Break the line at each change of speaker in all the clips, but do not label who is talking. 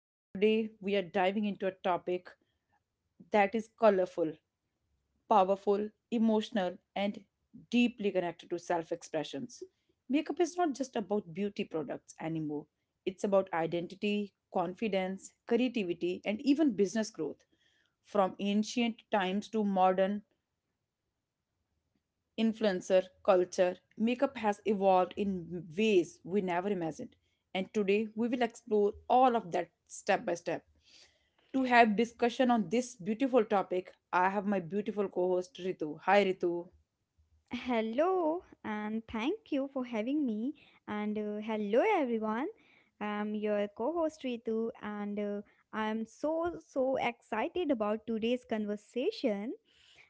and today we are diving into a topic that is colorful, powerful, emotional, and deeply connected to self expressions. Makeup is not just about beauty products anymore, it's about identity, confidence, creativity, and even business growth. From ancient times to modern influencer culture, makeup has evolved in ways we never imagined. And today we will explore all of that step by step. To have discussion on this beautiful topic, I have my beautiful co-host Ritu. Hi Ritu.
Hello, and thank you for having me. And hello, everyone. I'm your co host Ritu, and I'm so excited about today's conversation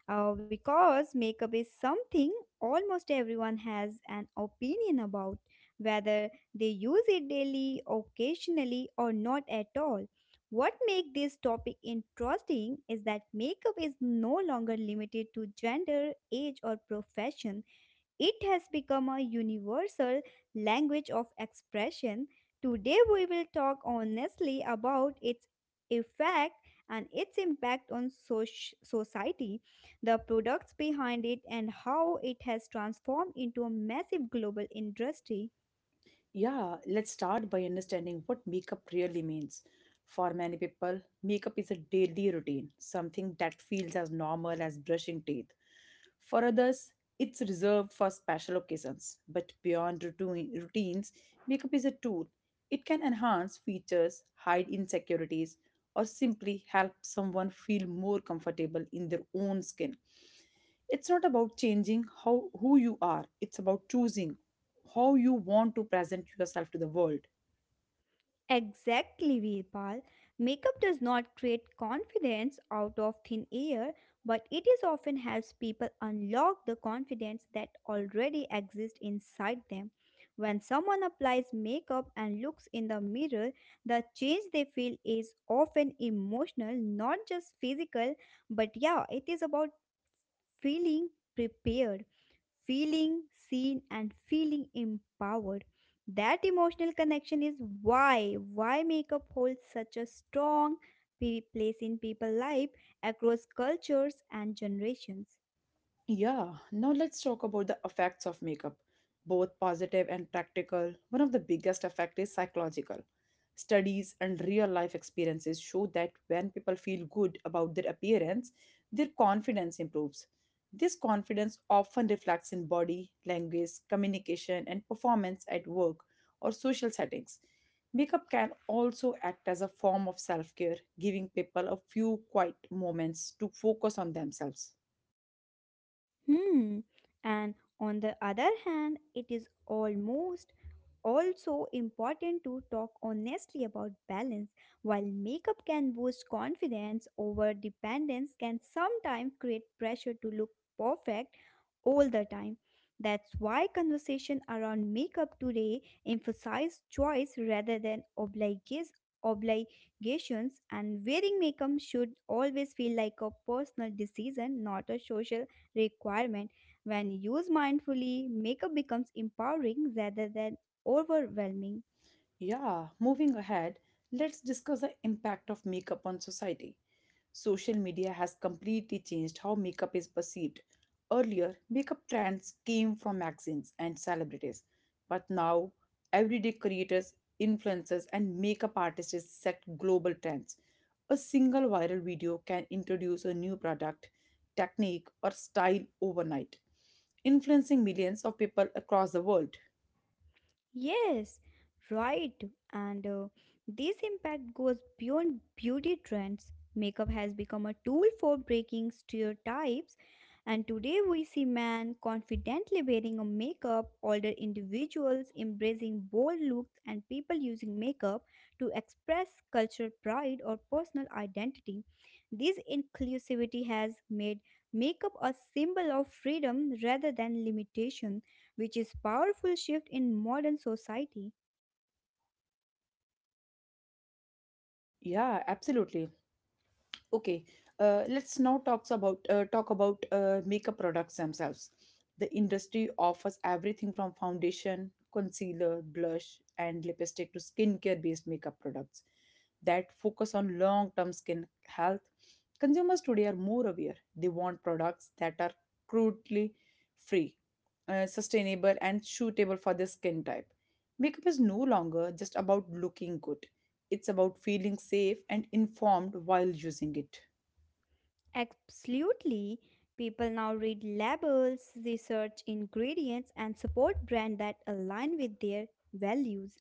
because makeup is something almost everyone has an opinion about, whether they use it daily, occasionally, or not at all. What makes this topic interesting is that makeup is no longer limited to gender, age, or profession. It has become a universal language of expression. Today, we will talk honestly about its effect and its impact on society, the products behind it, and how it has transformed into a massive global industry.
Yeah, let's start by understanding what makeup really means. For many people, makeup is a daily routine, something that feels as normal as brushing teeth. For others, it's reserved for special occasions. But beyond routines, makeup is a tool. It can enhance features, hide insecurities, or simply help someone feel more comfortable in their own skin. It's not about changing how who you are, it's about choosing how you want to present yourself to the world.
Exactly, Virpal. Makeup does not create confidence out of thin air, but it is often helps people unlock the confidence that already exists inside them. When someone applies makeup and looks in the mirror, the change they feel is often emotional, not just physical, but yeah, it is about feeling prepared, feeling seen, and feeling empowered. That emotional connection is why makeup holds such a strong place in people's life across cultures and generations.
Yeah, now let's talk about the effects of makeup, both positive and practical. One of the biggest effect is psychological. Studies and real life experiences show that when people feel good about their appearance, their confidence improves. This confidence often reflects in body, language, communication, and performance at work or social settings. Makeup can also act as a form of self care, giving people a few quiet moments to focus on themselves.
Hmm. And on the other hand, it is almost also important to talk honestly about balance. While makeup can boost confidence, over dependence can sometimes create pressure to look perfect all the time. That's why conversation around makeup today emphasize choice rather than obliges obligations, and wearing makeup should always feel like a personal decision, not a social requirement. When used mindfully, makeup becomes empowering rather than overwhelming.
Yeah, moving ahead, let's discuss the impact of makeup on society. Social media has completely changed how makeup is perceived. Earlier, makeup trends came from magazines and celebrities, but now everyday creators, influencers, and makeup artists set global trends. A single viral video can introduce a new product, technique, or style overnight, influencing millions of people across the world.
Yes, right. And this impact goes beyond beauty trends. Makeup has become a tool for breaking stereotypes, and today we see men confidently wearing a makeup, older individuals embracing bold looks, and people using makeup to express cultural pride or personal identity. This inclusivity has made makeup a symbol of freedom rather than limitation, which is powerful shift in modern society.
Yeah, absolutely. Okay, let's now talk about makeup products themselves. The industry offers everything from foundation, concealer, blush, and lipstick to skincare-based makeup products that focus on long-term skin health. Consumers today are more aware. They want products that are cruelty free, sustainable, and suitable for their skin type. Makeup is no longer just about looking good. It's about feeling safe and informed while using it.
Absolutely. People now read labels, research ingredients and support brands that align with their values.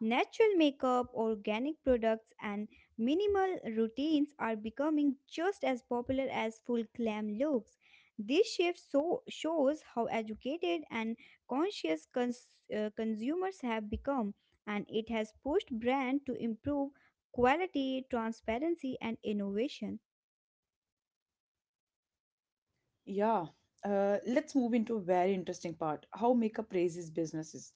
Natural makeup, organic products, and minimal routines are becoming just as popular as full glam looks. This shift so shows how educated and conscious consumers have become, and it has pushed brands to improve quality, transparency, and innovation.
Yeah, let's move into a very interesting part, how makeup raises businesses.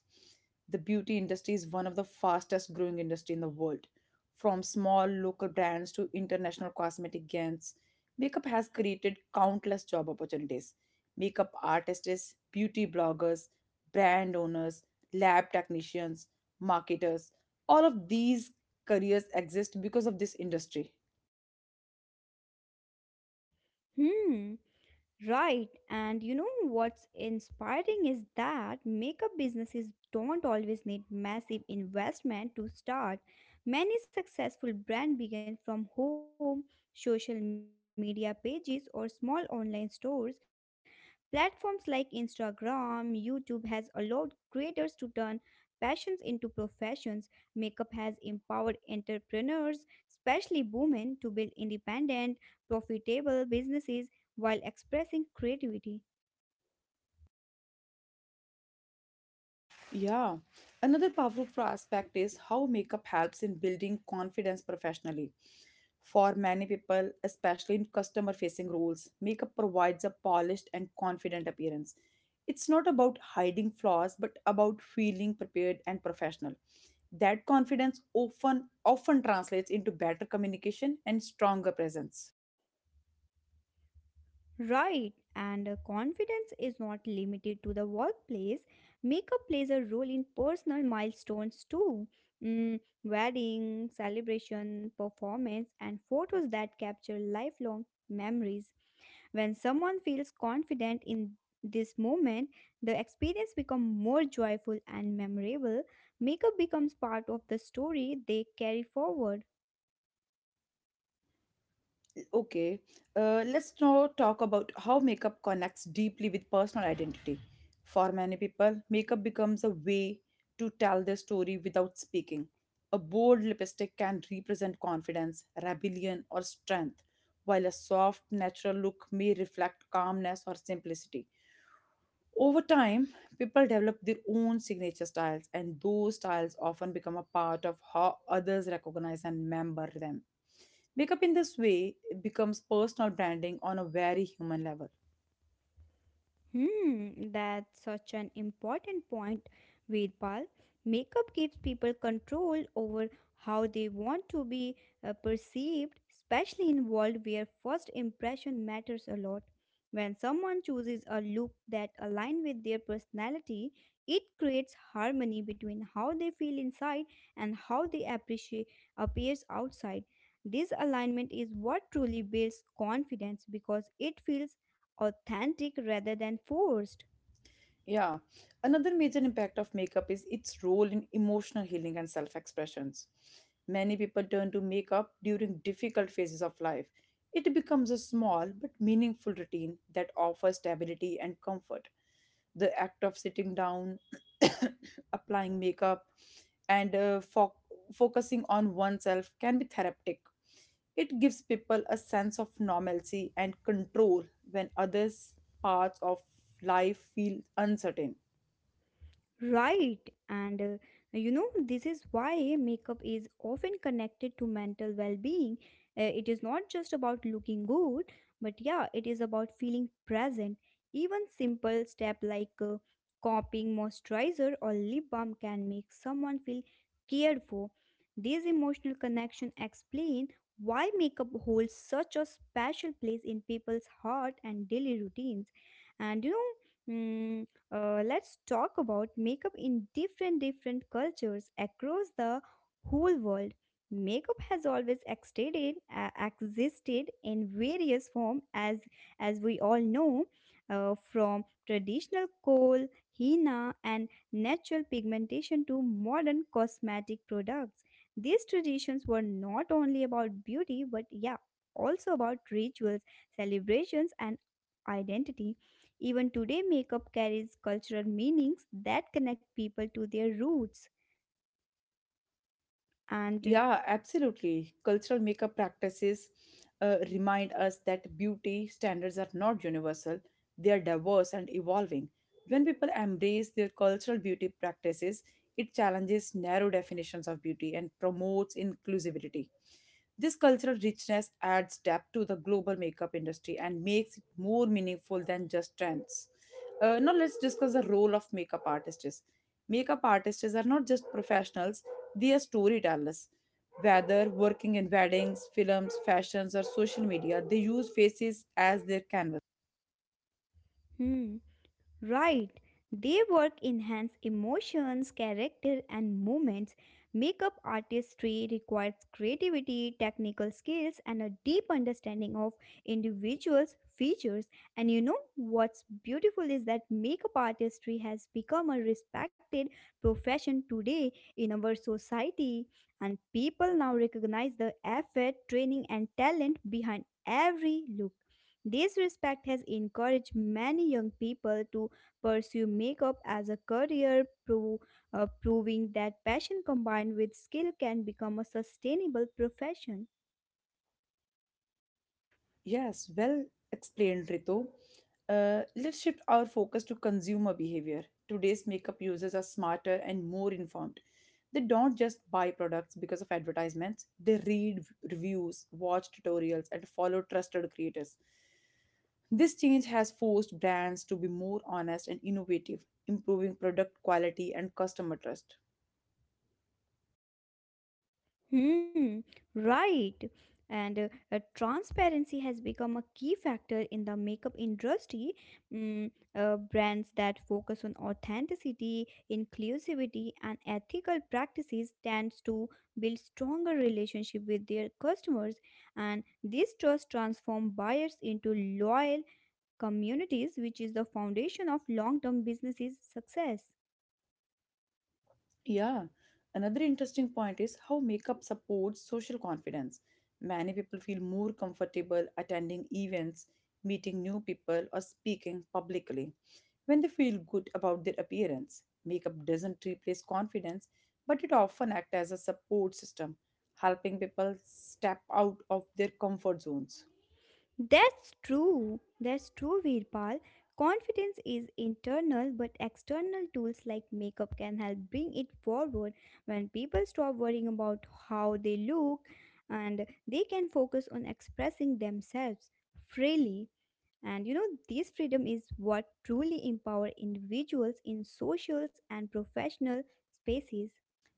The beauty industry is one of the fastest growing industry in the world. From small local brands to international cosmetic giants, makeup has created countless job opportunities. Makeup artists, beauty bloggers, brand owners, lab technicians, marketers, all of these careers exist because of this industry.
Hmm. Right, and you know what's inspiring is that makeup businesses don't always need massive investment to start. Many successful brands begin from home, social media pages, or small online stores. Platforms like Instagram, YouTube has allowed creators to turn passions into professions. Makeup has empowered entrepreneurs, especially women, to build independent, profitable businesses while expressing creativity.
Yeah. Another powerful aspect is how makeup helps in building confidence professionally. For many people, especially in customer facing roles, makeup provides a polished and confident appearance. It's not about hiding flaws, but about feeling prepared and professional. That confidence often translates into better communication and stronger presence.
Right, and confidence is not limited to the workplace. Makeup plays a role in personal milestones too. Mm, wedding, celebration, performance, and photos that capture lifelong memories. When someone feels confident in this moment, the experience becomes more joyful and memorable. Makeup becomes part of the story they carry forward.
Okay, let's now talk about how makeup connects deeply with personal identity. For many people, makeup becomes a way to tell their story without speaking. A bold lipstick can represent confidence, rebellion, or strength, while a soft, natural look may reflect calmness or simplicity. Over time, people develop their own signature styles, and those styles often become a part of how others recognize and remember them. Makeup in this way becomes personal branding on a very human level.
Hmm, that's such an important point, Veerpal. Makeup gives people control over how they want to be perceived, especially in world where first impression matters a lot. When someone chooses a look that aligns with their personality, it creates harmony between how they feel inside and how they appreciate appears outside. This alignment is what truly builds confidence because it feels authentic rather than forced.
Yeah. Another major impact of makeup is its role in emotional healing and self expressions. Many people turn to makeup during difficult phases of life. It becomes a small but meaningful routine that offers stability and comfort. The act of sitting down, applying makeup, and focusing on oneself can be therapeutic. It gives people a sense of normalcy and control when others parts of life feel uncertain.
Right, and this is why makeup is often connected to mental well being. It is not just about looking good, but yeah, it is about feeling present. Even simple step like copying moisturizer or lip balm can make someone feel cared for. These emotional connection explain why makeup holds such a special place in people's heart and daily routines. And let's talk about makeup in different cultures across the whole world. Makeup has always existed in various form as we all know, from traditional coal, henna, and natural pigmentation to modern cosmetic products. These traditions were not only about beauty, but yeah, also about rituals, celebrations, and identity. Even today, makeup carries cultural meanings that connect people to their roots. And
Yeah, absolutely. Cultural makeup practices remind us that beauty standards are not universal, they are diverse and evolving. When people embrace their cultural beauty practices, it challenges narrow definitions of beauty and promotes inclusivity. This cultural richness adds depth to the global makeup industry and makes it more meaningful than just trends. Now, let's discuss the role of makeup artists. Makeup artists are not just professionals, they are storytellers. Whether working in weddings, films, fashions, or social media, they use faces as their canvas.
hmm, right. They work enhance emotions, character, and movements. Makeup artistry requires creativity, technical skills, and a deep understanding of individuals' features. And you know what's beautiful is that makeup artistry has become a respected profession today in our society, and people now recognize the effort, training, and talent behind every look. This respect has encouraged many young people to pursue makeup as a career, proving that passion combined with skill can become a sustainable profession.
Yes, well explained, Ritu. Let's shift our focus to consumer behavior. Today's makeup users are smarter and more informed. They don't just buy products because of advertisements, they read reviews, watch tutorials, and follow trusted creators. This change has forced brands to be more honest and innovative, improving product quality and customer trust.
Hmm, right. And transparency has become a key factor in the makeup industry. Brands that focus on authenticity, inclusivity, and ethical practices tends to build stronger relationship with their customers, and this trust transforms buyers into loyal communities, which is the foundation of long term businesses' success.
Yeah, another interesting point is how makeup supports social confidence. Many people feel more comfortable attending events, meeting new people, or speaking publicly when they feel good about their appearance. Makeup doesn't replace confidence, but it often acts as a support system, helping people step out of their comfort zones.
That's true. That's true, Virpal. Confidence is internal, but external tools like makeup can help bring it forward when people stop worrying about how they look and they can focus on expressing themselves freely. And you know, this freedom is what truly empower individuals in socials and professional spaces.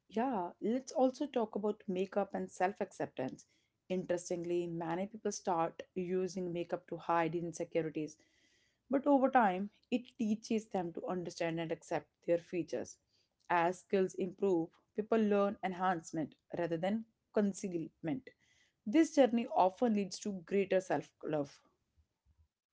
Yeah, let's also talk about makeup and self acceptance. Interestingly, many people start using makeup to hide insecurities, but over time, it teaches them to understand and accept their features. As skills improve, people learn enhancement rather than concealment. This journey often leads to greater self love.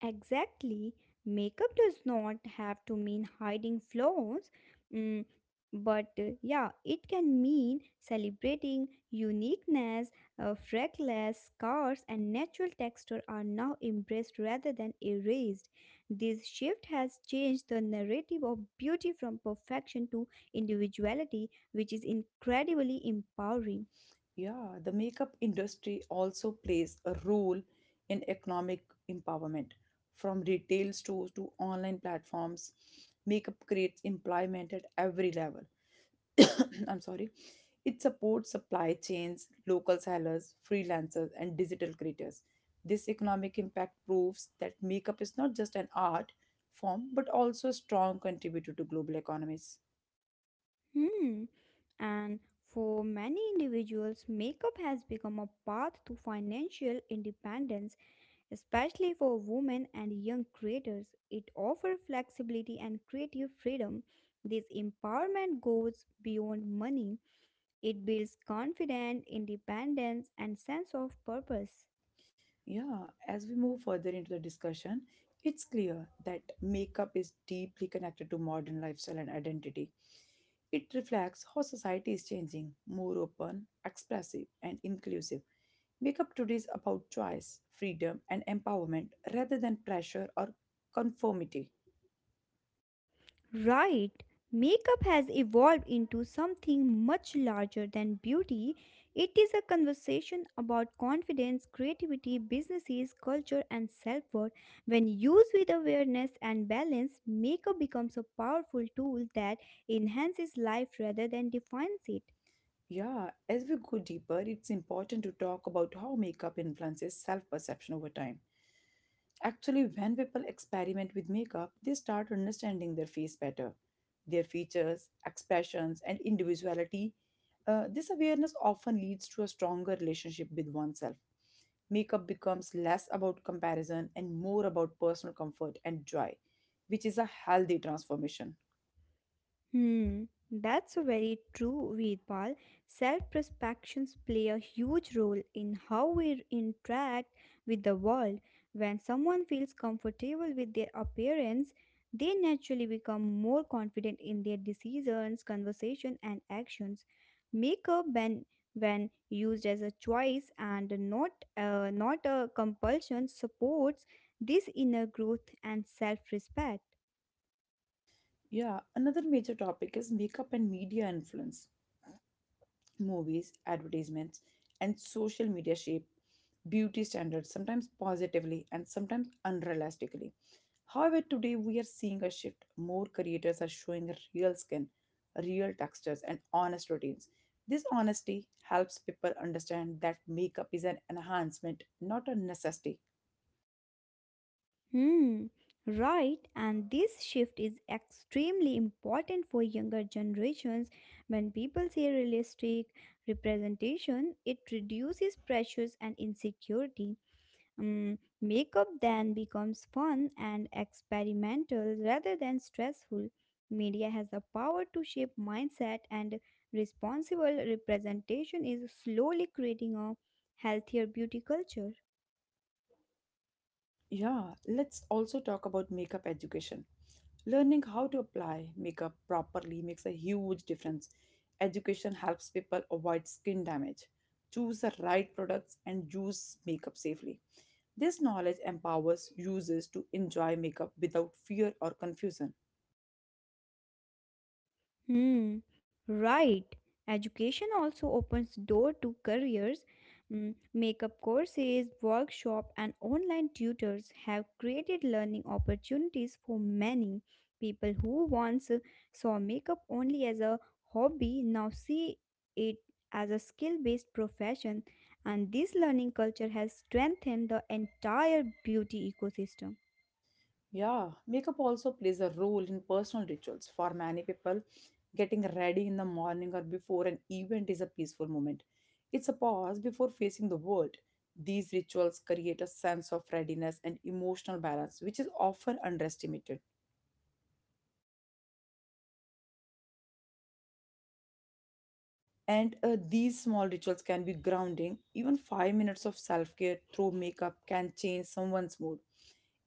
Exactly. Makeup does not have to mean hiding flaws, mm, but yeah, it can mean celebrating uniqueness, freckles, scars, and natural texture are now embraced rather than erased. This shift has changed the narrative of beauty from perfection to individuality, which is incredibly empowering.
Yeah, the makeup industry also plays a role in economic empowerment. From retail stores to online platforms, makeup creates employment at every level. I'm sorry. It supports supply chains, local sellers, freelancers, and digital creators. This economic impact proves that makeup is not just an art form, but also a strong contributor to global economies.
Hmm. And for many individuals, makeup has become a path to financial independence, especially for women and young creators. It offers flexibility and creative freedom. This empowerment goes beyond money. It builds confidence, independence, and sense of purpose.
Yeah, as we move further into the discussion, it's clear that makeup is deeply connected to modern lifestyle and identity. It reflects how society is changing, more open, expressive, and inclusive. Makeup today is about choice, freedom, and empowerment rather than pressure or conformity.
Right, makeup has evolved into something much larger than beauty. It is a conversation about confidence, creativity, businesses, culture, and self worth. When used with awareness and balance, makeup becomes a powerful tool that enhances life rather than defines it.
Yeah, as we go deeper, it's important to talk about how makeup influences self perception over time. Actually, when people experiment with makeup, they start understanding their face better, their features, expressions, and individuality. This awareness often leads to a stronger relationship with oneself. Makeup becomes less about comparison and more about personal comfort and joy, which is a healthy transformation.
Hmm, that's very true, Veerpal. Self perceptions play a huge role in how we interact with the world. When someone feels comfortable with their appearance, they naturally become more confident in their decisions, conversation, and actions. Makeup, when used as a choice and not a compulsion, supports this inner growth and self respect.
Yeah, another major topic is makeup and media influence. Movies, advertisements, and social media shape beauty standards, sometimes positively and sometimes unrealistically. However, today we are seeing a shift. More creators are showing real skin, real textures, and honest routines. This honesty helps people understand that makeup is an enhancement, not a necessity.
Hmm, right. And this shift is extremely important for younger generations. When people see realistic representation, it reduces pressures and insecurity. Makeup then becomes fun and experimental rather than stressful. Media has the power to shape mindset, and responsible representation is slowly creating a healthier beauty culture.
Yeah, let's also talk about makeup education. Learning how to apply makeup properly makes a huge difference. Education helps people avoid skin damage, choose the right products, and use makeup safely. This knowledge empowers users to enjoy makeup without fear or confusion.
Hmm, right. Education also opens door to careers. Makeup courses, workshop, and online tutors have created learning opportunities for many people who once saw makeup only as a hobby now see it as a skill-based profession, and this learning culture has strengthened the entire beauty ecosystem.
Yeah, makeup also plays a role in personal rituals. For many people, getting ready in the morning or before an event is a peaceful moment. It's a pause before facing the world. These rituals create a sense of readiness and emotional balance, which is often underestimated. And these small rituals can be grounding. Even 5 minutes of self care through makeup can change someone's mood.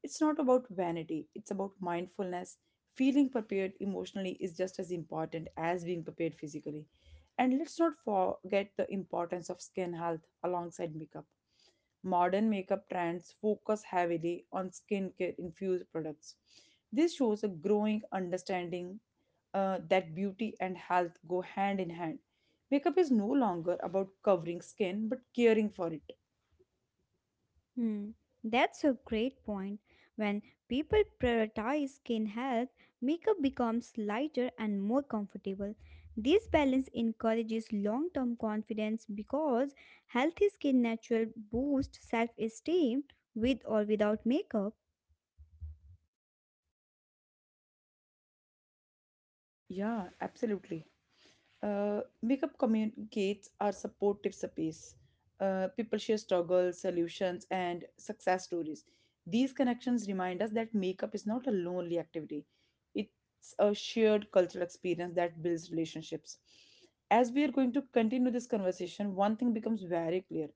It's not about vanity, it's about mindfulness. Feeling prepared emotionally is just as important as being prepared physically. And let's not forget the importance of skin health alongside makeup. Modern makeup trends focus heavily on skincare infused products. This shows a growing understanding that beauty and health go hand in hand. Makeup is no longer about covering skin but caring for it.
Hmm, that's a great point. When people prioritize skin health, makeup becomes lighter and more comfortable. This balance encourages long term confidence because healthy skin naturally boosts self esteem with or without makeup.
Yeah, absolutely. Makeup communicates our supportive space. People share struggles, solutions, and success stories. These connections remind us that makeup is not a lonely activity, it's a shared cultural experience that builds relationships. As we are going to continue this conversation, one thing becomes very clear,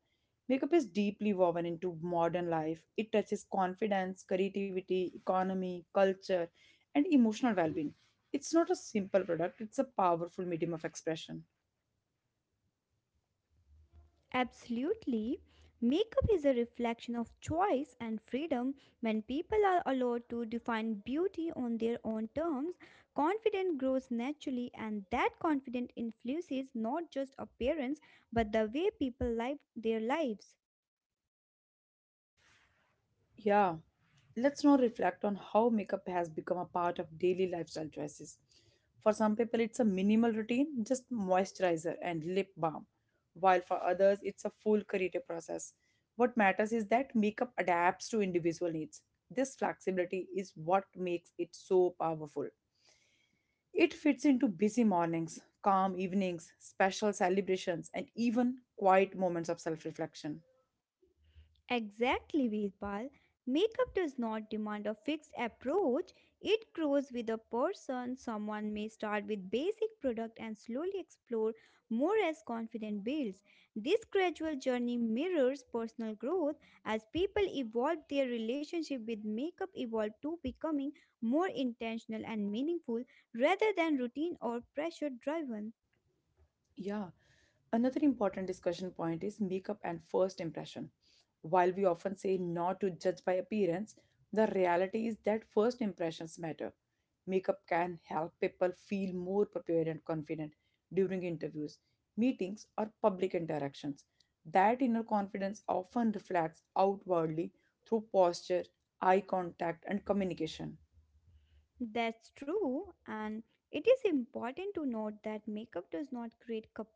makeup is deeply woven into modern life, it touches confidence, creativity, economy, culture, and emotional well being. It's not a simple product, it's a powerful medium of expression.
Absolutely. Makeup is a reflection of choice and freedom. When people are allowed to define beauty on their own terms, confidence grows naturally, and that confidence influences not just appearance but the way people live their lives.
Yeah, let's now reflect on how makeup has become a part of daily lifestyle choices. For some people, it's a minimal routine, just moisturizer and lip balm, while for others, it's a full creative process. What matters is that makeup adapts to individual needs. This flexibility is what makes it so powerful. It fits into busy mornings, calm evenings, special celebrations, and even quiet moments of self reflection.
Exactly, Veerpal. Makeup does not demand a fixed approach. It grows with a person. Someone may start with basic product and slowly explore more as confidence builds. This gradual journey mirrors personal growth as people evolve their relationship with makeup evolve to becoming more intentional and meaningful rather than routine or pressure driven.
Yeah. Another important discussion point is makeup and first impression. While we often say not to judge by appearance, the reality is that first impressions matter. Makeup can help people feel more prepared and confident during interviews, meetings, or public interactions. That inner confidence often reflects outwardly through posture, eye contact, and communication.
That's true, and it is important to note that makeup does not create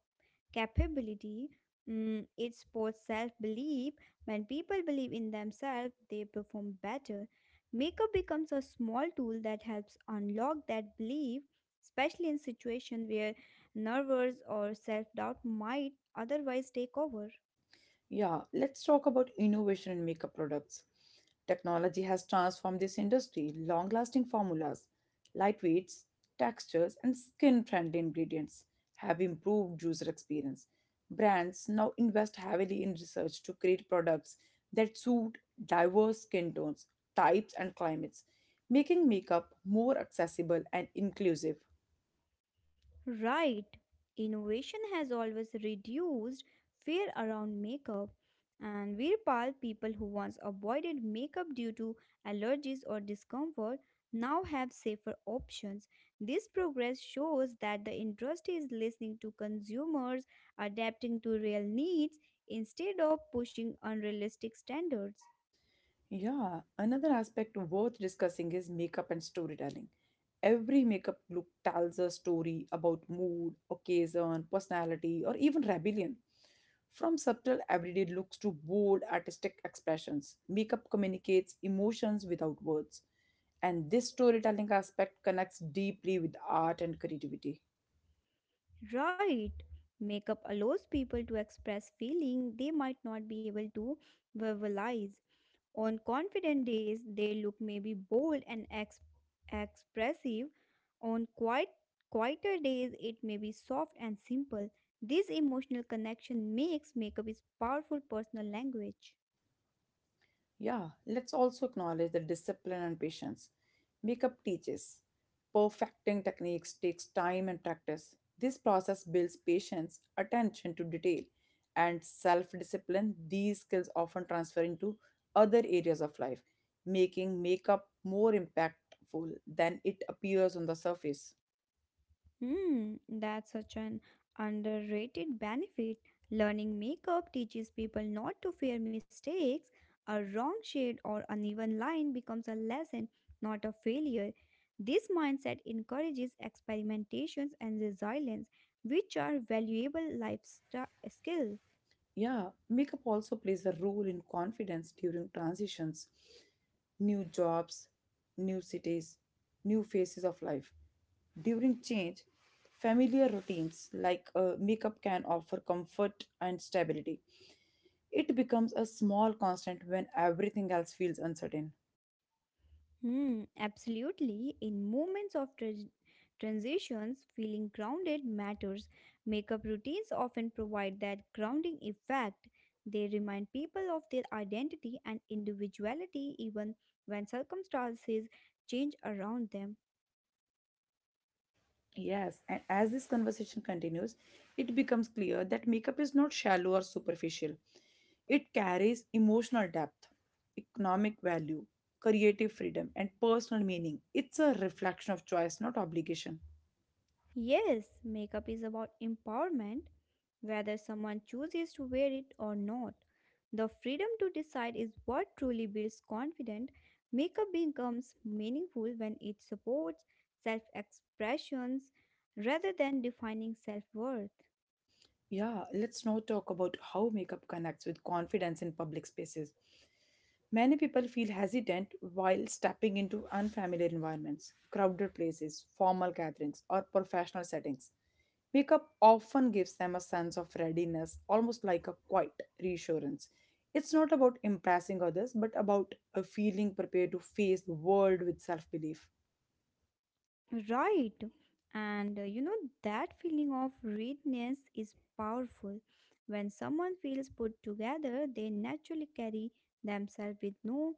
capability. Mm, it supports self belief. When people believe in themselves, they perform better. Makeup becomes a small tool that helps unlock that belief, especially in situations where nervous or self doubt might otherwise take over.
Yeah, let's talk about innovation in makeup products. Technology has transformed this industry. Long lasting formulas, lightweights, textures, and skin friendly ingredients have improved user experience. Brands now invest heavily in research to create products that suit diverse skin tones, types, and climates, making makeup more accessible and inclusive.
Right. Innovation has always reduced fear around makeup, and Virpal, people who once avoided makeup due to allergies or discomfort, now have safer options. This progress shows that the industry is listening to consumers, adapting to real needs instead of pushing unrealistic standards.
Yeah, another aspect worth discussing is makeup and storytelling. Every makeup look tells a story about mood, occasion, personality, or even rebellion. From subtle everyday looks to bold artistic expressions, makeup communicates emotions without words. And this storytelling aspect connects deeply with art and creativity.
Right. Makeup allows people to express feeling they might not be able to verbalize. On confident days, they look maybe bold and expressive. On quieter days, it may be soft and simple. This emotional connection makes makeup its powerful personal language.
Yeah, let's also acknowledge the discipline and patience. Makeup teaches. Perfecting techniques takes time and practice. This process builds patience, attention to detail, and self discipline. These skills often transfer into other areas of life, making makeup more impactful than it appears on the surface.
Hmm, that's such an underrated benefit. Learning makeup teaches people not to fear mistakes. A wrong shade or uneven line becomes a lesson, not a failure. This mindset encourages experimentations and resilience, which are valuable life skills.
Yeah, makeup also plays a role in confidence during transitions, new jobs, new cities, new phases of life. During change, familiar routines like makeup can offer comfort and stability. It becomes a small constant when everything else feels uncertain.
Hmm, absolutely. In moments of transitions, feeling grounded matters. Makeup routines often provide that grounding effect. They remind people of their identity and individuality even when circumstances change around them.
Yes, and as this conversation continues, it becomes clear that makeup is not shallow or superficial. It carries emotional depth, economic value, creative freedom, and personal meaning. It's a reflection of choice, not obligation.
Yes, makeup is about empowerment, whether someone chooses to wear it or not. The freedom to decide is what truly builds confidence. Makeup becomes meaningful when it supports self expressions rather than defining self worth.
Yeah, let's now talk about how makeup connects with confidence in public spaces. Many people feel hesitant while stepping into unfamiliar environments, crowded places, formal gatherings, or professional settings. Makeup often gives them a sense of readiness, almost like a quiet reassurance. It's not about impressing others, but about a feeling prepared to face the world with self belief.
Right. And that feeling of readiness is powerful. When someone feels put together, they naturally carry themselves with no,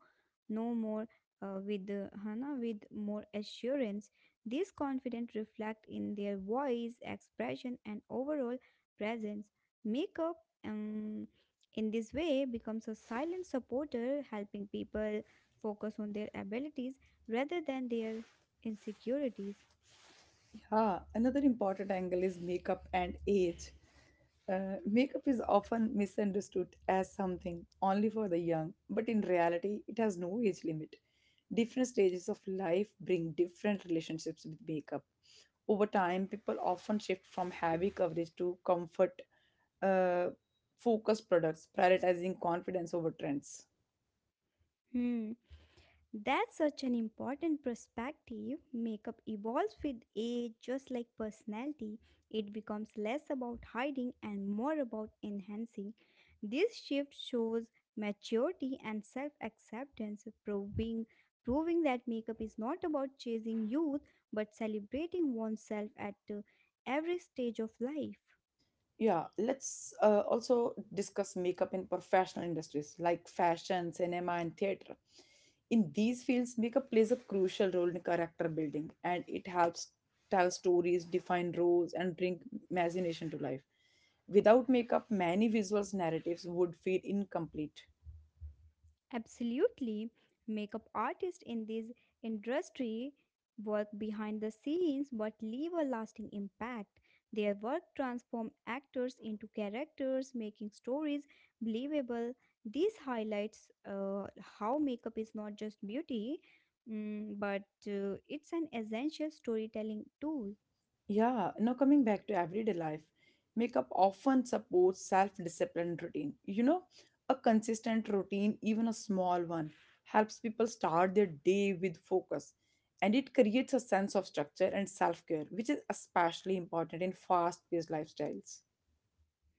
no more, with Hana, with more assurance. This confidence reflect in their voice, expression, and overall presence. Makeup, um, in this way, becomes a silent supporter, helping people focus on their abilities rather than their insecurities.
Yeah, another important angle is makeup and age. Makeup is often misunderstood as something only for the young, but in reality, it has no age limit. Different stages of life bring different relationships with makeup. Over time, people often shift from heavy coverage to comfort uh, focused products, prioritizing confidence over trends.
Hmm, that's such an important perspective. Makeup evolves with age, just like personality. It becomes less about hiding and more about enhancing. This shift shows maturity and self acceptance, proving that makeup is not about chasing youth but celebrating oneself at every stage of life.
Yeah, let's also discuss makeup in professional industries like fashion, cinema, and theater. In these fields, makeup plays a crucial role in character building, and it helps tell stories, define roles, and bring imagination to life. Without makeup, many visuals narratives would feel incomplete.
Absolutely. Makeup artists in this industry work behind the scenes but leave a lasting impact. Their work transforms actors into characters, making stories believable. This highlights how makeup is not just beauty, mm, but it's an essential storytelling tool.
Yeah, now coming back to everyday life, makeup often supports self-disciplined routine. You know, a consistent routine, even a small one, helps people start their day with focus. And it creates a sense of structure and self-care, which is especially important in fast-paced lifestyles.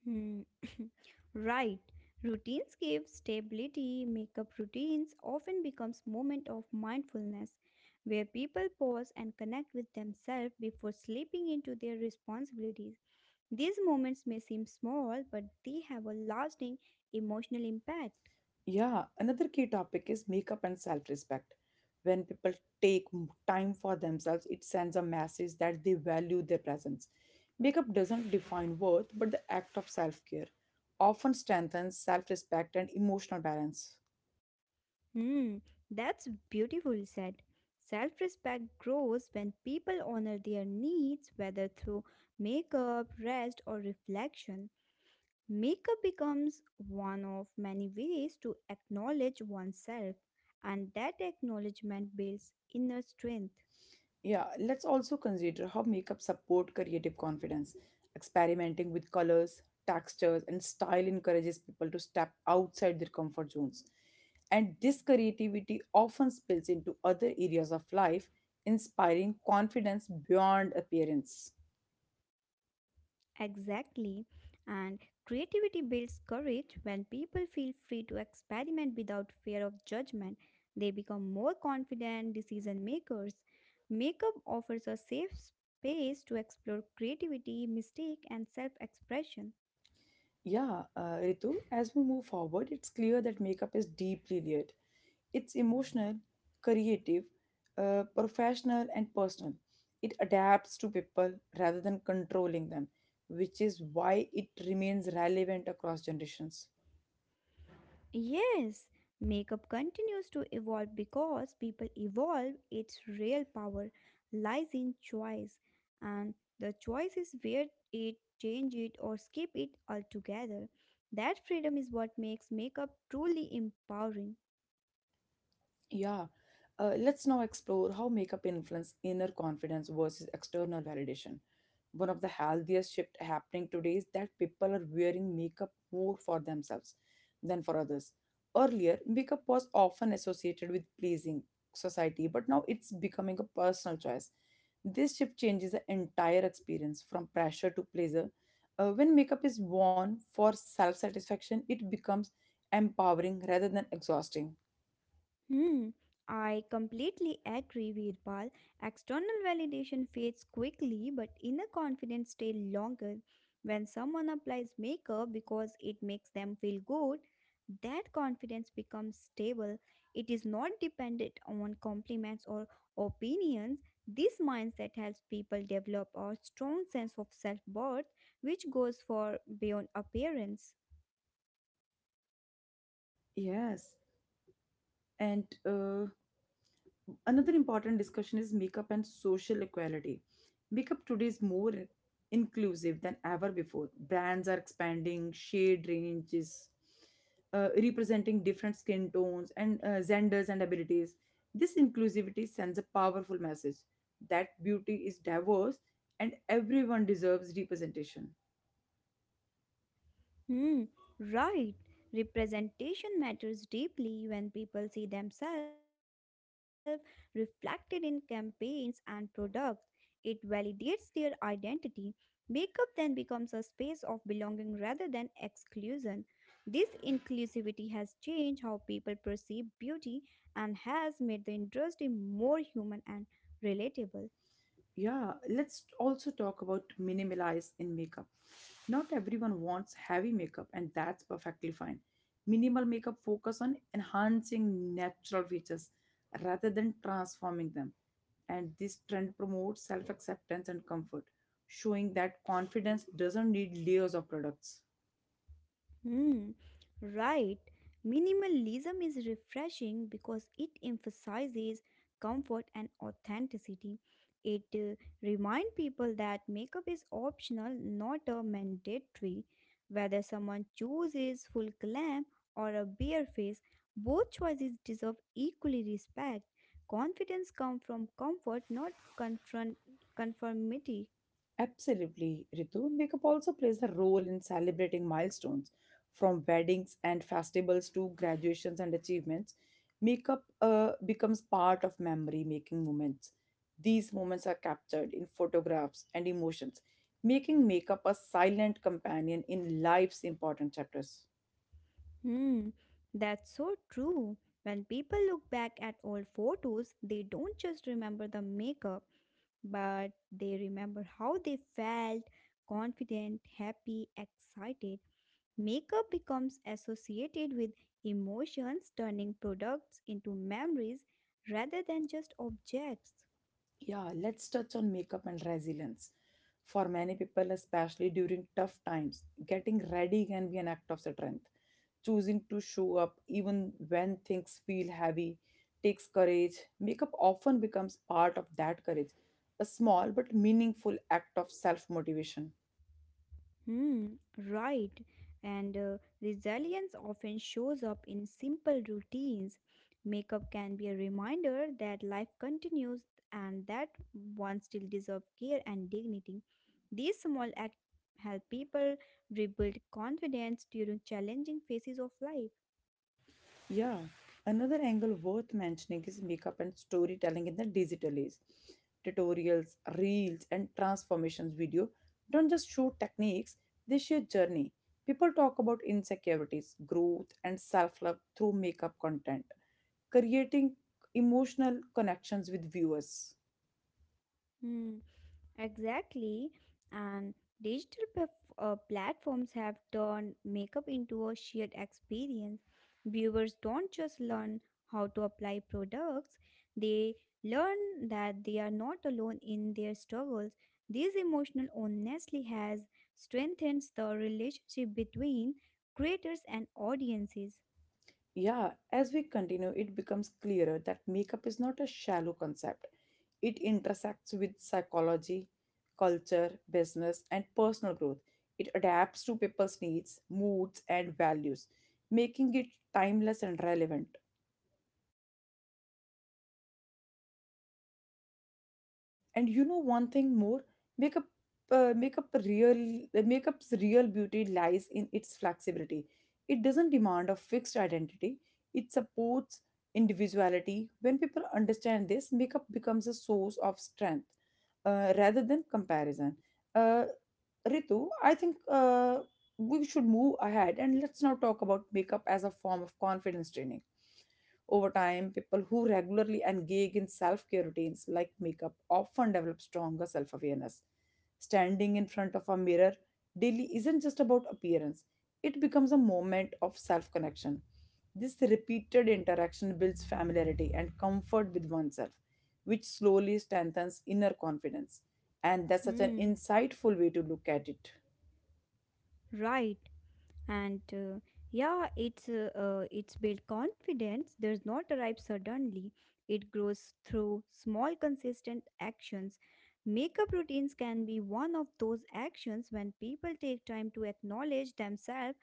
Hmm. Right. Routines give stability. Makeup routines often becomes moment of mindfulness where people pause and connect with themselves before slipping into their responsibilities. These moments may seem small, but they have a lasting emotional impact.
Yeah, another key topic is makeup and self respect. When people time for themselves, it sends a message that they value their presence. Makeup doesn't define worth, but the act of self care often strengthens self respect and emotional balance.
Hmm. That's beautifully said. Self-respect grows when people honor their needs whether through makeup, rest or reflection. Makeup becomes one of many ways to acknowledge oneself, and that acknowledgement builds inner strength.
Yeah, let's also consider how makeup support creative confidence. Experimenting with colors, textures, and style encourages people to step outside their comfort zones. And this creativity often spills into other areas of life, inspiring confidence beyond appearance.
Exactly. And creativity builds courage when people feel free to experiment without fear of judgment. They become more confident decision makers. Makeup offers a safe space to explore creativity, mistake, and self expression.
Yeah, Ritu, as we move forward, it's clear that makeup is deeply layered. It's emotional, creative, professional, and personal. It adapts to people rather than controlling them, which is why it remains relevant across generations.
Yes, makeup continues to evolve because people evolve. Its real power lies in choice, and the choice is where it change it or skip it altogether. That freedom is what makes makeup truly empowering.
Yeah, let's now explore how makeup influence inner confidence versus external validation. One of the healthiest shift happening today is that people are wearing makeup more for themselves than for others. Earlier, makeup was often associated with pleasing society, but now it's becoming a personal choice. This shift changes the entire experience from pressure to pleasure. When makeup is worn for self satisfaction, it becomes empowering rather than exhausting.
Hmm, I completely agree, Veerpal. External validation fades quickly, but inner confidence stays longer. When someone applies makeup because it makes them feel good, that confidence becomes stable. It is not dependent on compliments or opinions. This mindset helps people develop a strong sense of self worth, which goes far beyond appearance.
Yes. And another important discussion is makeup and social equality. Makeup today is more inclusive than ever before. Brands are expanding shade ranges, representing different skin tones and genders and abilities. This inclusivity sends a powerful message that beauty is diverse and everyone deserves representation.
Hmm, right. Representation matters deeply when people see themselves reflected in campaigns and products. It validates their identity. Makeup then becomes a space of belonging rather than exclusion. This inclusivity has changed how people perceive beauty and has made the industry more human and relatable.
Yeah, let's also talk about minimalize in makeup. Not everyone wants heavy makeup, and that's perfectly fine. Minimal makeup focus on enhancing natural features rather than transforming them. And this trend promotes self acceptance and comfort, showing that confidence doesn't need layers of products.
Hmm, right. Minimalism is refreshing because it emphasizes comfort and authenticity. It reminds people that makeup is optional, not a mandatory. Whether someone chooses full glam or a bare face, both choices deserve equally respect. Confidence comes from comfort, not confront conformity.
Absolutely, Ritu. Makeup also plays a role in celebrating milestones from weddings and festivals to graduations and achievements. Makeup becomes part of memory making moments. These moments are captured in photographs and emotions, making makeup a silent companion in life's important chapters.
Hmm, that's so true. When people look back at old photos, they don't just remember the makeup, but they remember how they felt confident, happy, excited. Makeup becomes associated with emotions, turning products into memories rather than just objects.
Yeah, let's touch on makeup and resilience. For many people, especially during tough times, getting ready can be an act of strength. Choosing to show up even when things feel heavy takes courage. Makeup often becomes part of that courage, a small but meaningful act of self motivation.
Hmm, right. And resilience often shows up in simple routines. Makeup can be a reminder that life continues and that one still deserves care and dignity. These small acts help people rebuild confidence during challenging phases of life.
Yeah, another angle worth mentioning is makeup and storytelling in the digital age. Tutorials, reels, and transformations video don't just show techniques, they share journey. People talk about insecurities, growth, and self love through makeup content, creating emotional connections with viewers.
Hmm. Exactly. And platforms have turned makeup into a shared experience. Viewers don't just learn how to apply products, they learn that they are not alone in their struggles. This emotional honesty has strengthened the relationship between creators and audiences.
Yeah, as we continue, it becomes clearer that makeup is not a shallow concept. It intersects with psychology, culture, business, and personal growth. It adapts to people's needs, moods, and values, making it timeless and relevant. And you know one thing more, makeup uh, makeup real makeup's real beauty lies in its flexibility. It doesn't demand a fixed identity. It supports individuality. When people understand this, makeup becomes a source of strength rather than comparison. uh, Ritu, I think we should move ahead, and let's now talk about makeup as a form of confidence training. Over time, people who regularly engage in self care routines like makeup often develop stronger self awareness. Standing in front of a mirror daily isn't just about appearance, it becomes a moment of self connection. This repeated interaction builds familiarity and comfort with oneself, which slowly strengthens inner confidence. And that's such an
Hmm,
insightful way to look at it.
right. And yeah it's built confidence does not arrive suddenly. It grows through small consistent actions. Makeup routines can be one of those actions when people take time to acknowledge themselves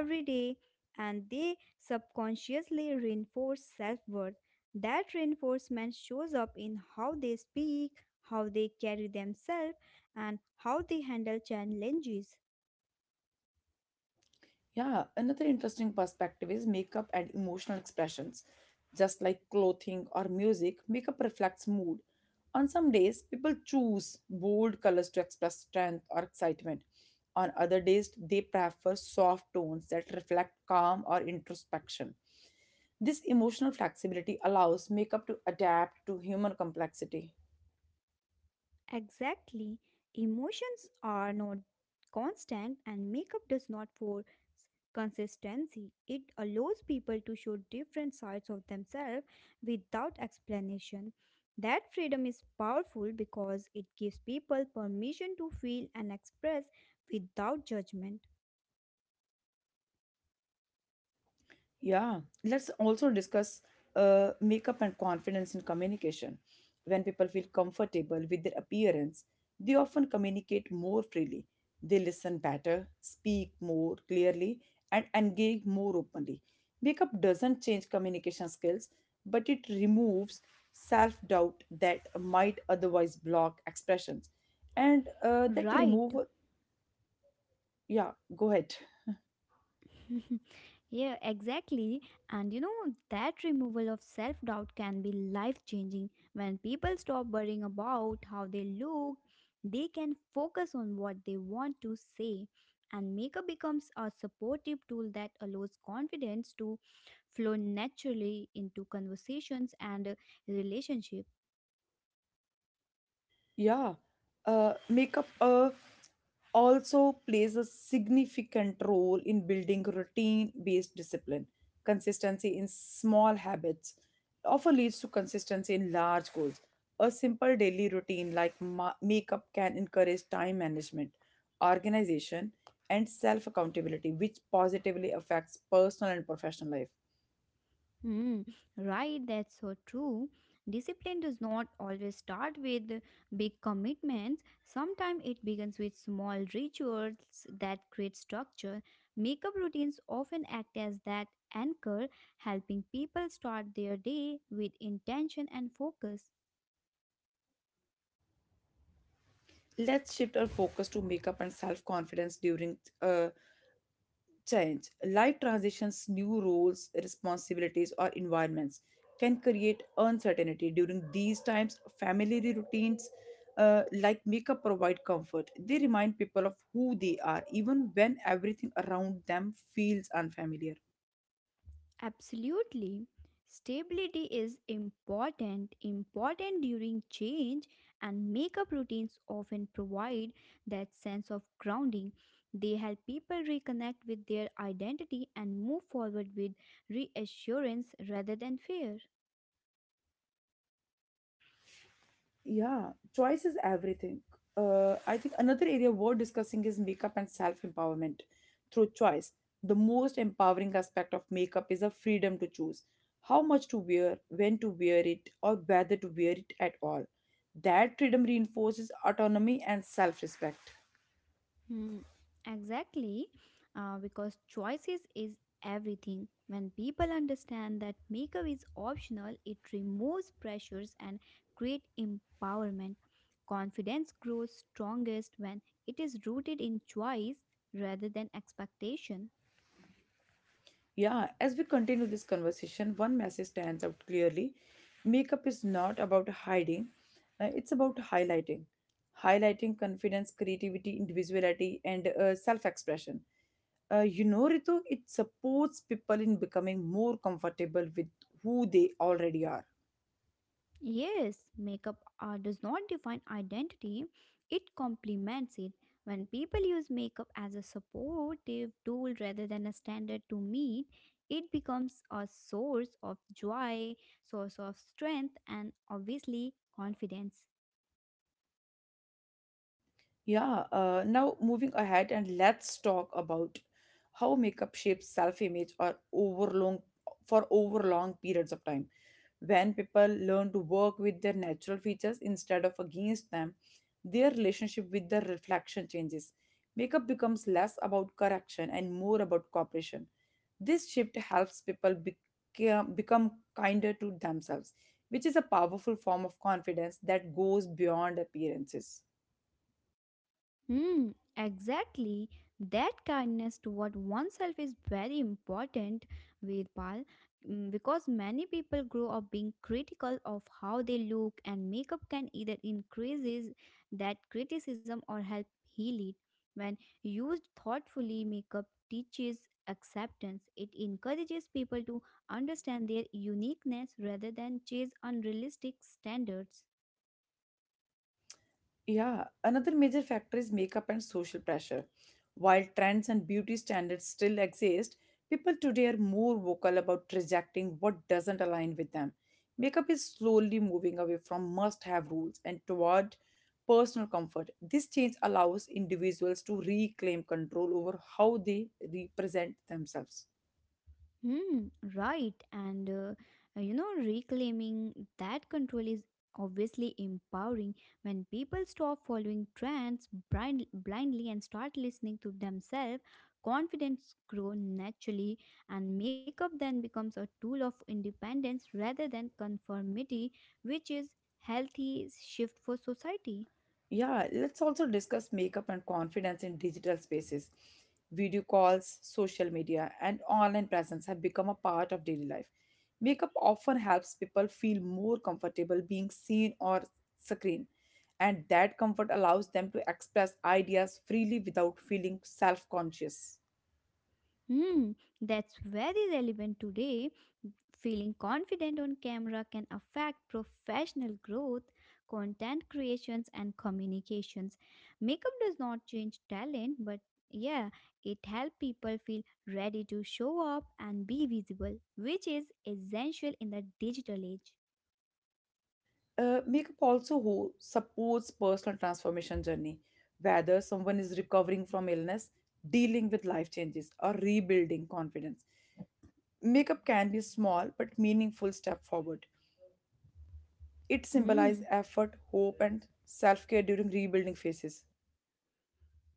every day, and they subconsciously reinforce self-worth. That reinforcement shows up in how they speak, how they carry themselves, and how they handle challenges.
Yeah, another interesting perspective is makeup and emotional expressions. Just like clothing or music, makeup reflects mood. On some days, people choose bold colors to express strength or excitement. On other days, they prefer soft tones that reflect calm or introspection. This emotional flexibility allows makeup to adapt to human complexity.
Exactly. Emotions are not constant and makeup does not force consistency. It allows people to show different sides of themselves without explanation. That freedom is powerful because it gives people permission to feel and express without judgment.
Yeah, let's also discuss makeup and confidence in communication. When people feel comfortable with their appearance, they often communicate more freely. They listen better, speak more clearly, and engage more openly. Makeup doesn't change communication skills, but it removes self doubt that might otherwise block expressions. And
Right.
yeah, go ahead.
Yeah, exactly. And you know, that removal of self doubt can be life changing. When people stop worrying about how they look, they can focus on what they want to say. And makeup becomes a supportive tool that allows confidence to flow naturally into conversations and relationships.
Yeah, makeup also plays a significant role in building routine-based discipline. Consistency in small habits often leads to consistency in large goals. A simple daily routine like makeup can encourage time management, organization, and self-accountability, which positively affects personal and professional life.
Mm, right, that's so true. Discipline does not always start with big commitments. Sometimes it begins with small rituals that create structure. Makeup routines often act as that anchor, helping people start their day with intention and focus.
Let's shift our focus to makeup and self-confidence during change. Life transitions, new roles, responsibilities, or environments can create uncertainty. During these times, family routines like makeup provide comfort. They remind people of who they are, even when everything around them feels unfamiliar.
Absolutely. Stability is important during change, and makeup routines often provide that sense of grounding. They help people reconnect with their identity and move forward with reassurance rather than fear.
Yeah, choice is everything. I think another area worth discussing is makeup and self empowerment through choice. The most empowering aspect of makeup is the freedom to choose how much to wear, when to wear it, or whether to wear it at all. That freedom reinforces autonomy and self respect.
Hmm, exactly, because choices is everything. When people understand that makeup is optional, it removes pressures and create empowerment. Confidence grows strongest when it is rooted in choice rather than expectation.
Yeah, as we continue this conversation, one message stands out clearly. Makeup is not about hiding, it's about highlighting. Highlighting confidence, creativity, individuality, and self expression. You know, Ritu, it supports people in becoming more comfortable with who they already are.
Yes, makeup does not define identity, it complements it. When people use makeup as a supportive tool rather than a standard to meet, it becomes a source of joy, source of strength, and obviously confidence.
Yeah, now moving ahead, and let's talk about how makeup shapes self-image or overlong for over long periods of time. When people learn to work with their natural features instead of against them, their relationship with their reflection changes. Makeup becomes less about correction and more about cooperation. This shift helps people become kinder to themselves, which is a powerful form of confidence that goes beyond appearances.
Hmm, exactly. That kindness toward oneself is very important, Vedpal, because many people grow up being critical of how they look, and makeup can either increases that criticism or help heal it. When used thoughtfully, makeup teaches acceptance. It encourages people to understand their uniqueness rather than chase unrealistic standards.
Yeah, another major factor is makeup and social pressure. While trends and beauty standards still exist, people today are more vocal about rejecting what doesn't align with them. Makeup is slowly moving away from must have rules and toward personal comfort. This change allows individuals to reclaim control over how they represent themselves.
Hmm, right. And you know, reclaiming that control is obviously empowering when people stop following trends blindly and start listening to themselves. Confidence grows naturally, and makeup then becomes a tool of independence rather than conformity, which is healthy shift for society.
Yeah, let's also discuss makeup and confidence in digital spaces. Video calls, social media, and online presence have become a part of daily life. Makeup often helps people feel more comfortable being seen or screen, and that comfort allows them to express ideas freely without feeling self conscious.
Hmm, that's very relevant today. Feeling confident on camera can affect professional growth, content creations, and communications. Makeup does not change talent, but yeah, it helps people feel ready to show up and be visible, which is essential in the digital age.
Makeup also who supports personal transformation journey, whether someone is recovering from illness, dealing with life changes, or rebuilding confidence. Makeup can be small but meaningful step forward. It symbolizes
Hmm.
effort, hope, and self-care during rebuilding phases.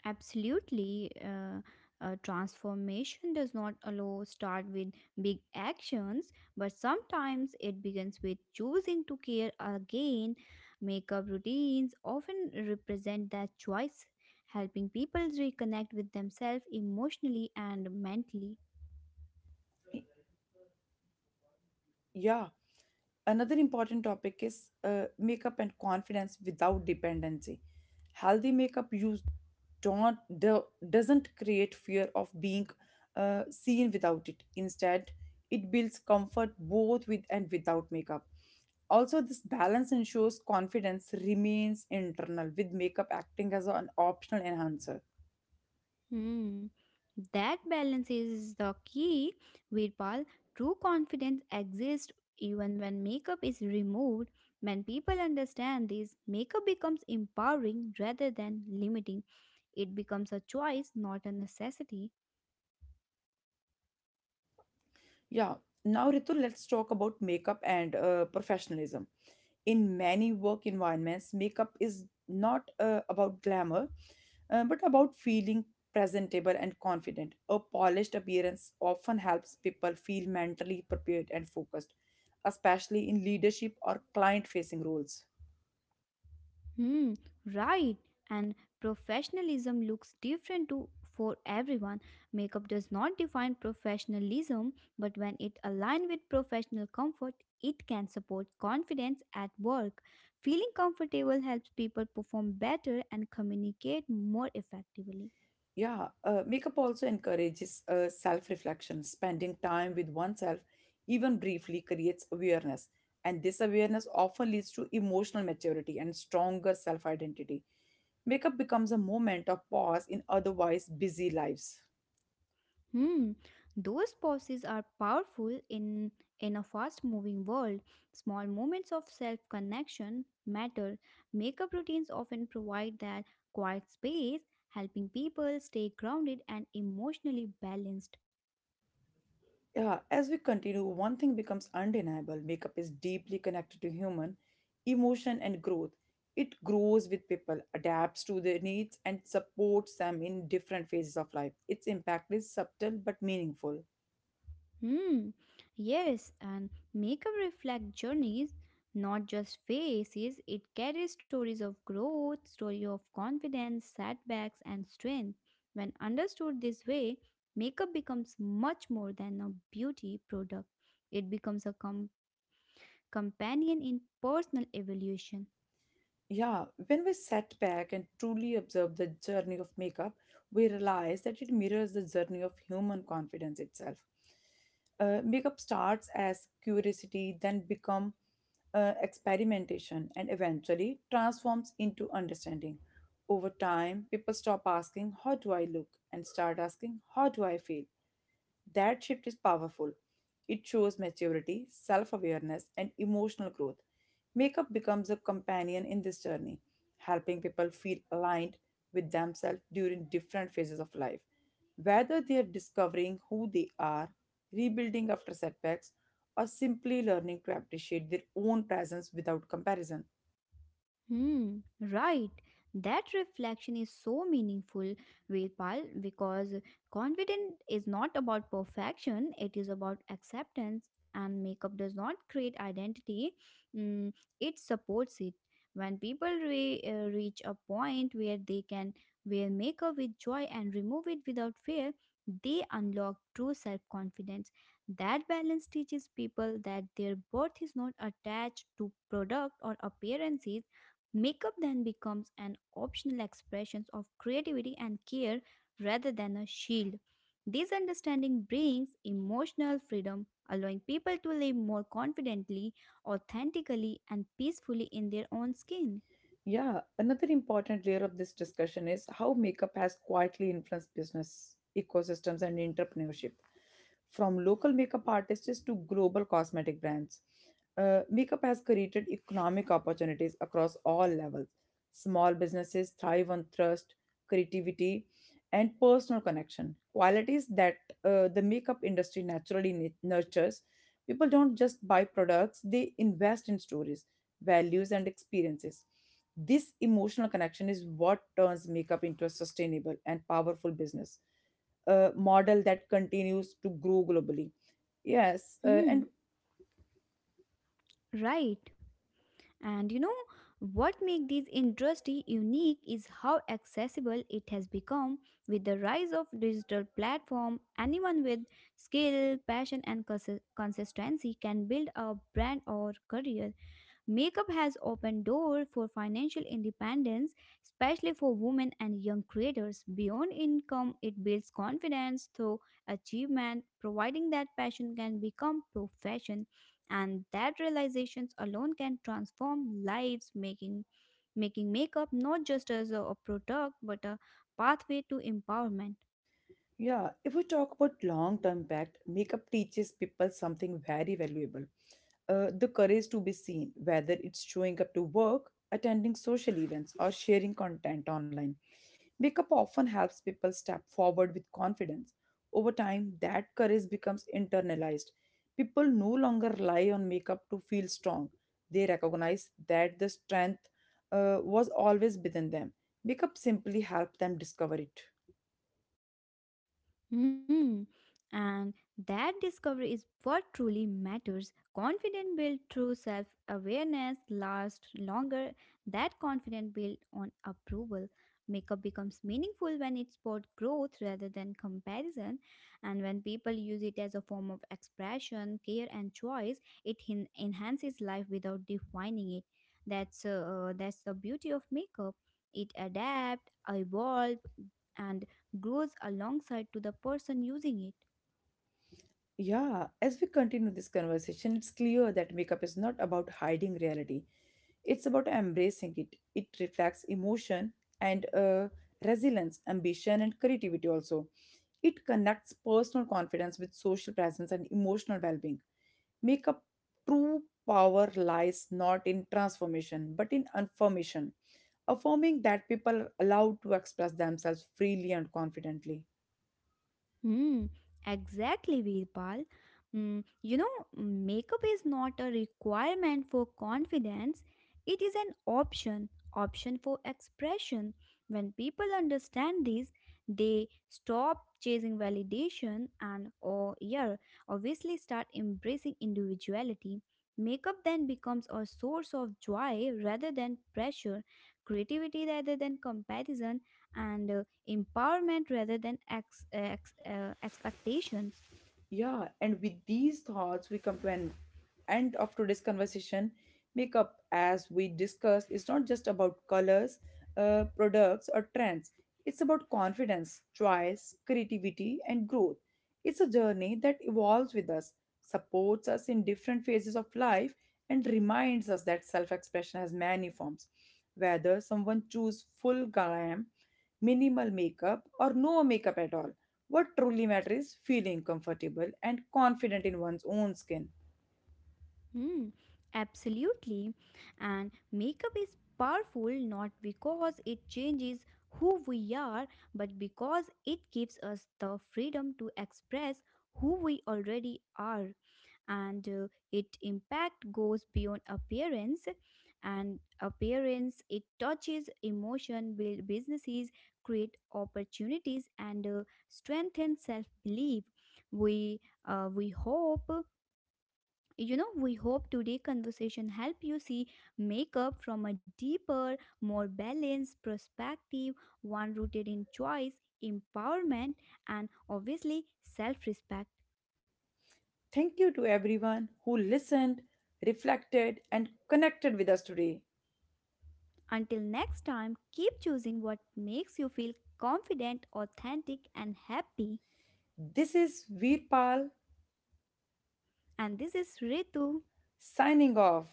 Absolutely. Transformation does not allow start with big actions, but sometimes it begins with choosing to care again. Makeup routines often represent that choice, helping people reconnect with themselves emotionally and mentally.
Yeah, another important topic is makeup and confidence without dependency. Healthy makeup use don't do, doesn't create fear of being seen without it. Instead, it builds comfort both with and without makeup. Also, this balance ensures confidence remains internal, with makeup acting as an optional enhancer.
Hmm. That balance is the key, Virpal. True confidence exists even when makeup is removed. When people understand this, makeup becomes empowering rather than limiting. It becomes a choice, not a necessity.
Yeah. Now, Ritu, let's talk about makeup and professionalism. In many work environments, makeup is not about glamour, but about feeling presentable and confident. A polished appearance often helps people feel mentally prepared and focused, especially in leadership or client facing roles.
Hmm, right. And professionalism looks different to for everyone. Makeup does not define professionalism, but when it aligns with professional comfort, it can support confidence at work. Feeling comfortable helps people perform better and communicate more effectively.
Yeah, makeup also encourages self reflection. Spending time with oneself, even briefly, creates awareness. And this awareness often leads to emotional maturity and stronger self identity. Makeup becomes a moment of pause in otherwise busy lives.
Hmm, those pauses are powerful in a fast-moving world. Small moments of self-connection matter. Makeup routines often provide that quiet space, helping people stay grounded and emotionally balanced.
Yeah, as we continue, one thing becomes undeniable. Makeup is deeply connected to human emotion and growth. It grows with people, adapts to their needs, and supports them in different phases of life. Its impact is subtle but meaningful.
Hmm, yes, and makeup reflect journeys, not just faces. It carries stories of growth, story of confidence, setbacks, and strength. When understood this way, makeup becomes much more than a beauty product. It becomes a companion in personal evolution.
Yeah, when we set back and truly observe the journey of makeup, we realize that it mirrors the journey of human confidence itself. Makeup starts as curiosity, then become experimentation, and eventually transforms into understanding. Over time, people stop asking, "How do I look?" and start asking, "How do I feel?" That shift is powerful. It shows maturity, self awareness, and emotional growth. Makeup becomes a companion in this journey, helping people feel aligned with themselves during different phases of life, whether they are discovering who they are, rebuilding after setbacks, or simply learning to appreciate their own presence without comparison.
Right. That reflection is so meaningful, Veerpal, because confidence is not about perfection, it is about acceptance, and makeup does not create identity, mm, it supports it. When people reach a point where they can wear makeup with joy and remove it without fear, they unlock true self confidence. That balance teaches people that their worth is not attached to product or appearances. Makeup then becomes an optional expression of creativity and care rather than a shield. This understanding brings emotional freedom, allowing people to live more confidently, authentically, and peacefully in their own skin.
Yeah, another important layer of this discussion is how makeup has quietly influenced business ecosystems and entrepreneurship. From local makeup artists to global cosmetic brands, makeup has created economic opportunities across all levels. Small businesses thrive on trust, creativity, and personal connection, qualities that the makeup industry naturally nurtures. People don't just buy products, they invest in stories, values, and experiences. This emotional connection is what turns makeup into a sustainable and powerful business model that continues to grow globally. Yes,
Hmm,
and
right. And you know what makes this industry unique is how accessible it has become with the rise of digital platform. Anyone with skill, passion and consistency can build a brand or career. Makeup has opened door for financial independence, especially for women and young creators. Beyond income, it builds confidence through achievement, providing that passion can become profession, and that realizations alone can transform lives, making makeup not just as a product but a pathway to empowerment.
yeah, if we talk about long term impact, makeup teaches people something very valuable, the courage to be seen, whether it's showing up to work, attending social events, or sharing content online. Wake Up often helps people step forward with confidence. Over time, that courage becomes internalized. People no longer rely on makeup to feel strong. They recognize that the strength was always within them. Makeup simply helped them discover it.
Hmm. And that discovery is what truly matters. Confidence built through self awareness lasts longer. That confidence built on approval. Makeup becomes meaningful when it supports growth rather than comparison. And when people use it as a form of expression, care, and choice, it enhances life without defining it. That's the beauty of makeup. It adapts, evolves, and grows alongside to the person using it.
Yeah, as we continue this conversation, it's clear that makeup is not about hiding reality. It's about embracing it. It reflects emotion and resilience, ambition, and creativity also. It connects personal confidence with social presence and emotional well being. Makeup true power lies not in transformation but in affirmation, affirming that people are allowed to express themselves freely and confidently.
Hmm. Exactly, Veerpal. You know, makeup is not a requirement for confidence, it is an option, option for expression. When people understand this, they stop chasing validation and, or yeah, obviously start embracing individuality. Makeup then becomes a source of joy rather than pressure, creativity rather than comparison, and empowerment rather than expectations.
Yeah, and with these thoughts, we come to an end of today's conversation. Makeup, as we discussed, is not just about colors, products, or trends. It's about confidence, choice, creativity, and growth. It's a journey that evolves with us, supports us in different phases of life, and reminds us that self expression has many forms. Whether someone choose full glam, minimal makeup, or no makeup at all, what truly matters is feeling comfortable and confident in one's own skin.
Hmm, absolutely. And makeup is powerful not because it changes who we are, but because it gives us the freedom to express who we already are. And its impact goes beyond appearance. It touches emotion, build businesses, create opportunities, and strengthen self belief we we hope, we hope today conversation help you see makeup from a deeper, more balanced perspective, one rooted in choice, empowerment, and obviously self respect.
Thank you to everyone who listened, reflected, and connected with us today.
Until next time, keep choosing what makes you feel confident, authentic, and happy.
This is Veerpal
And this is Ritu.
signing off.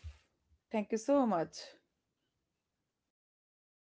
Thank you so much.
Bye bye.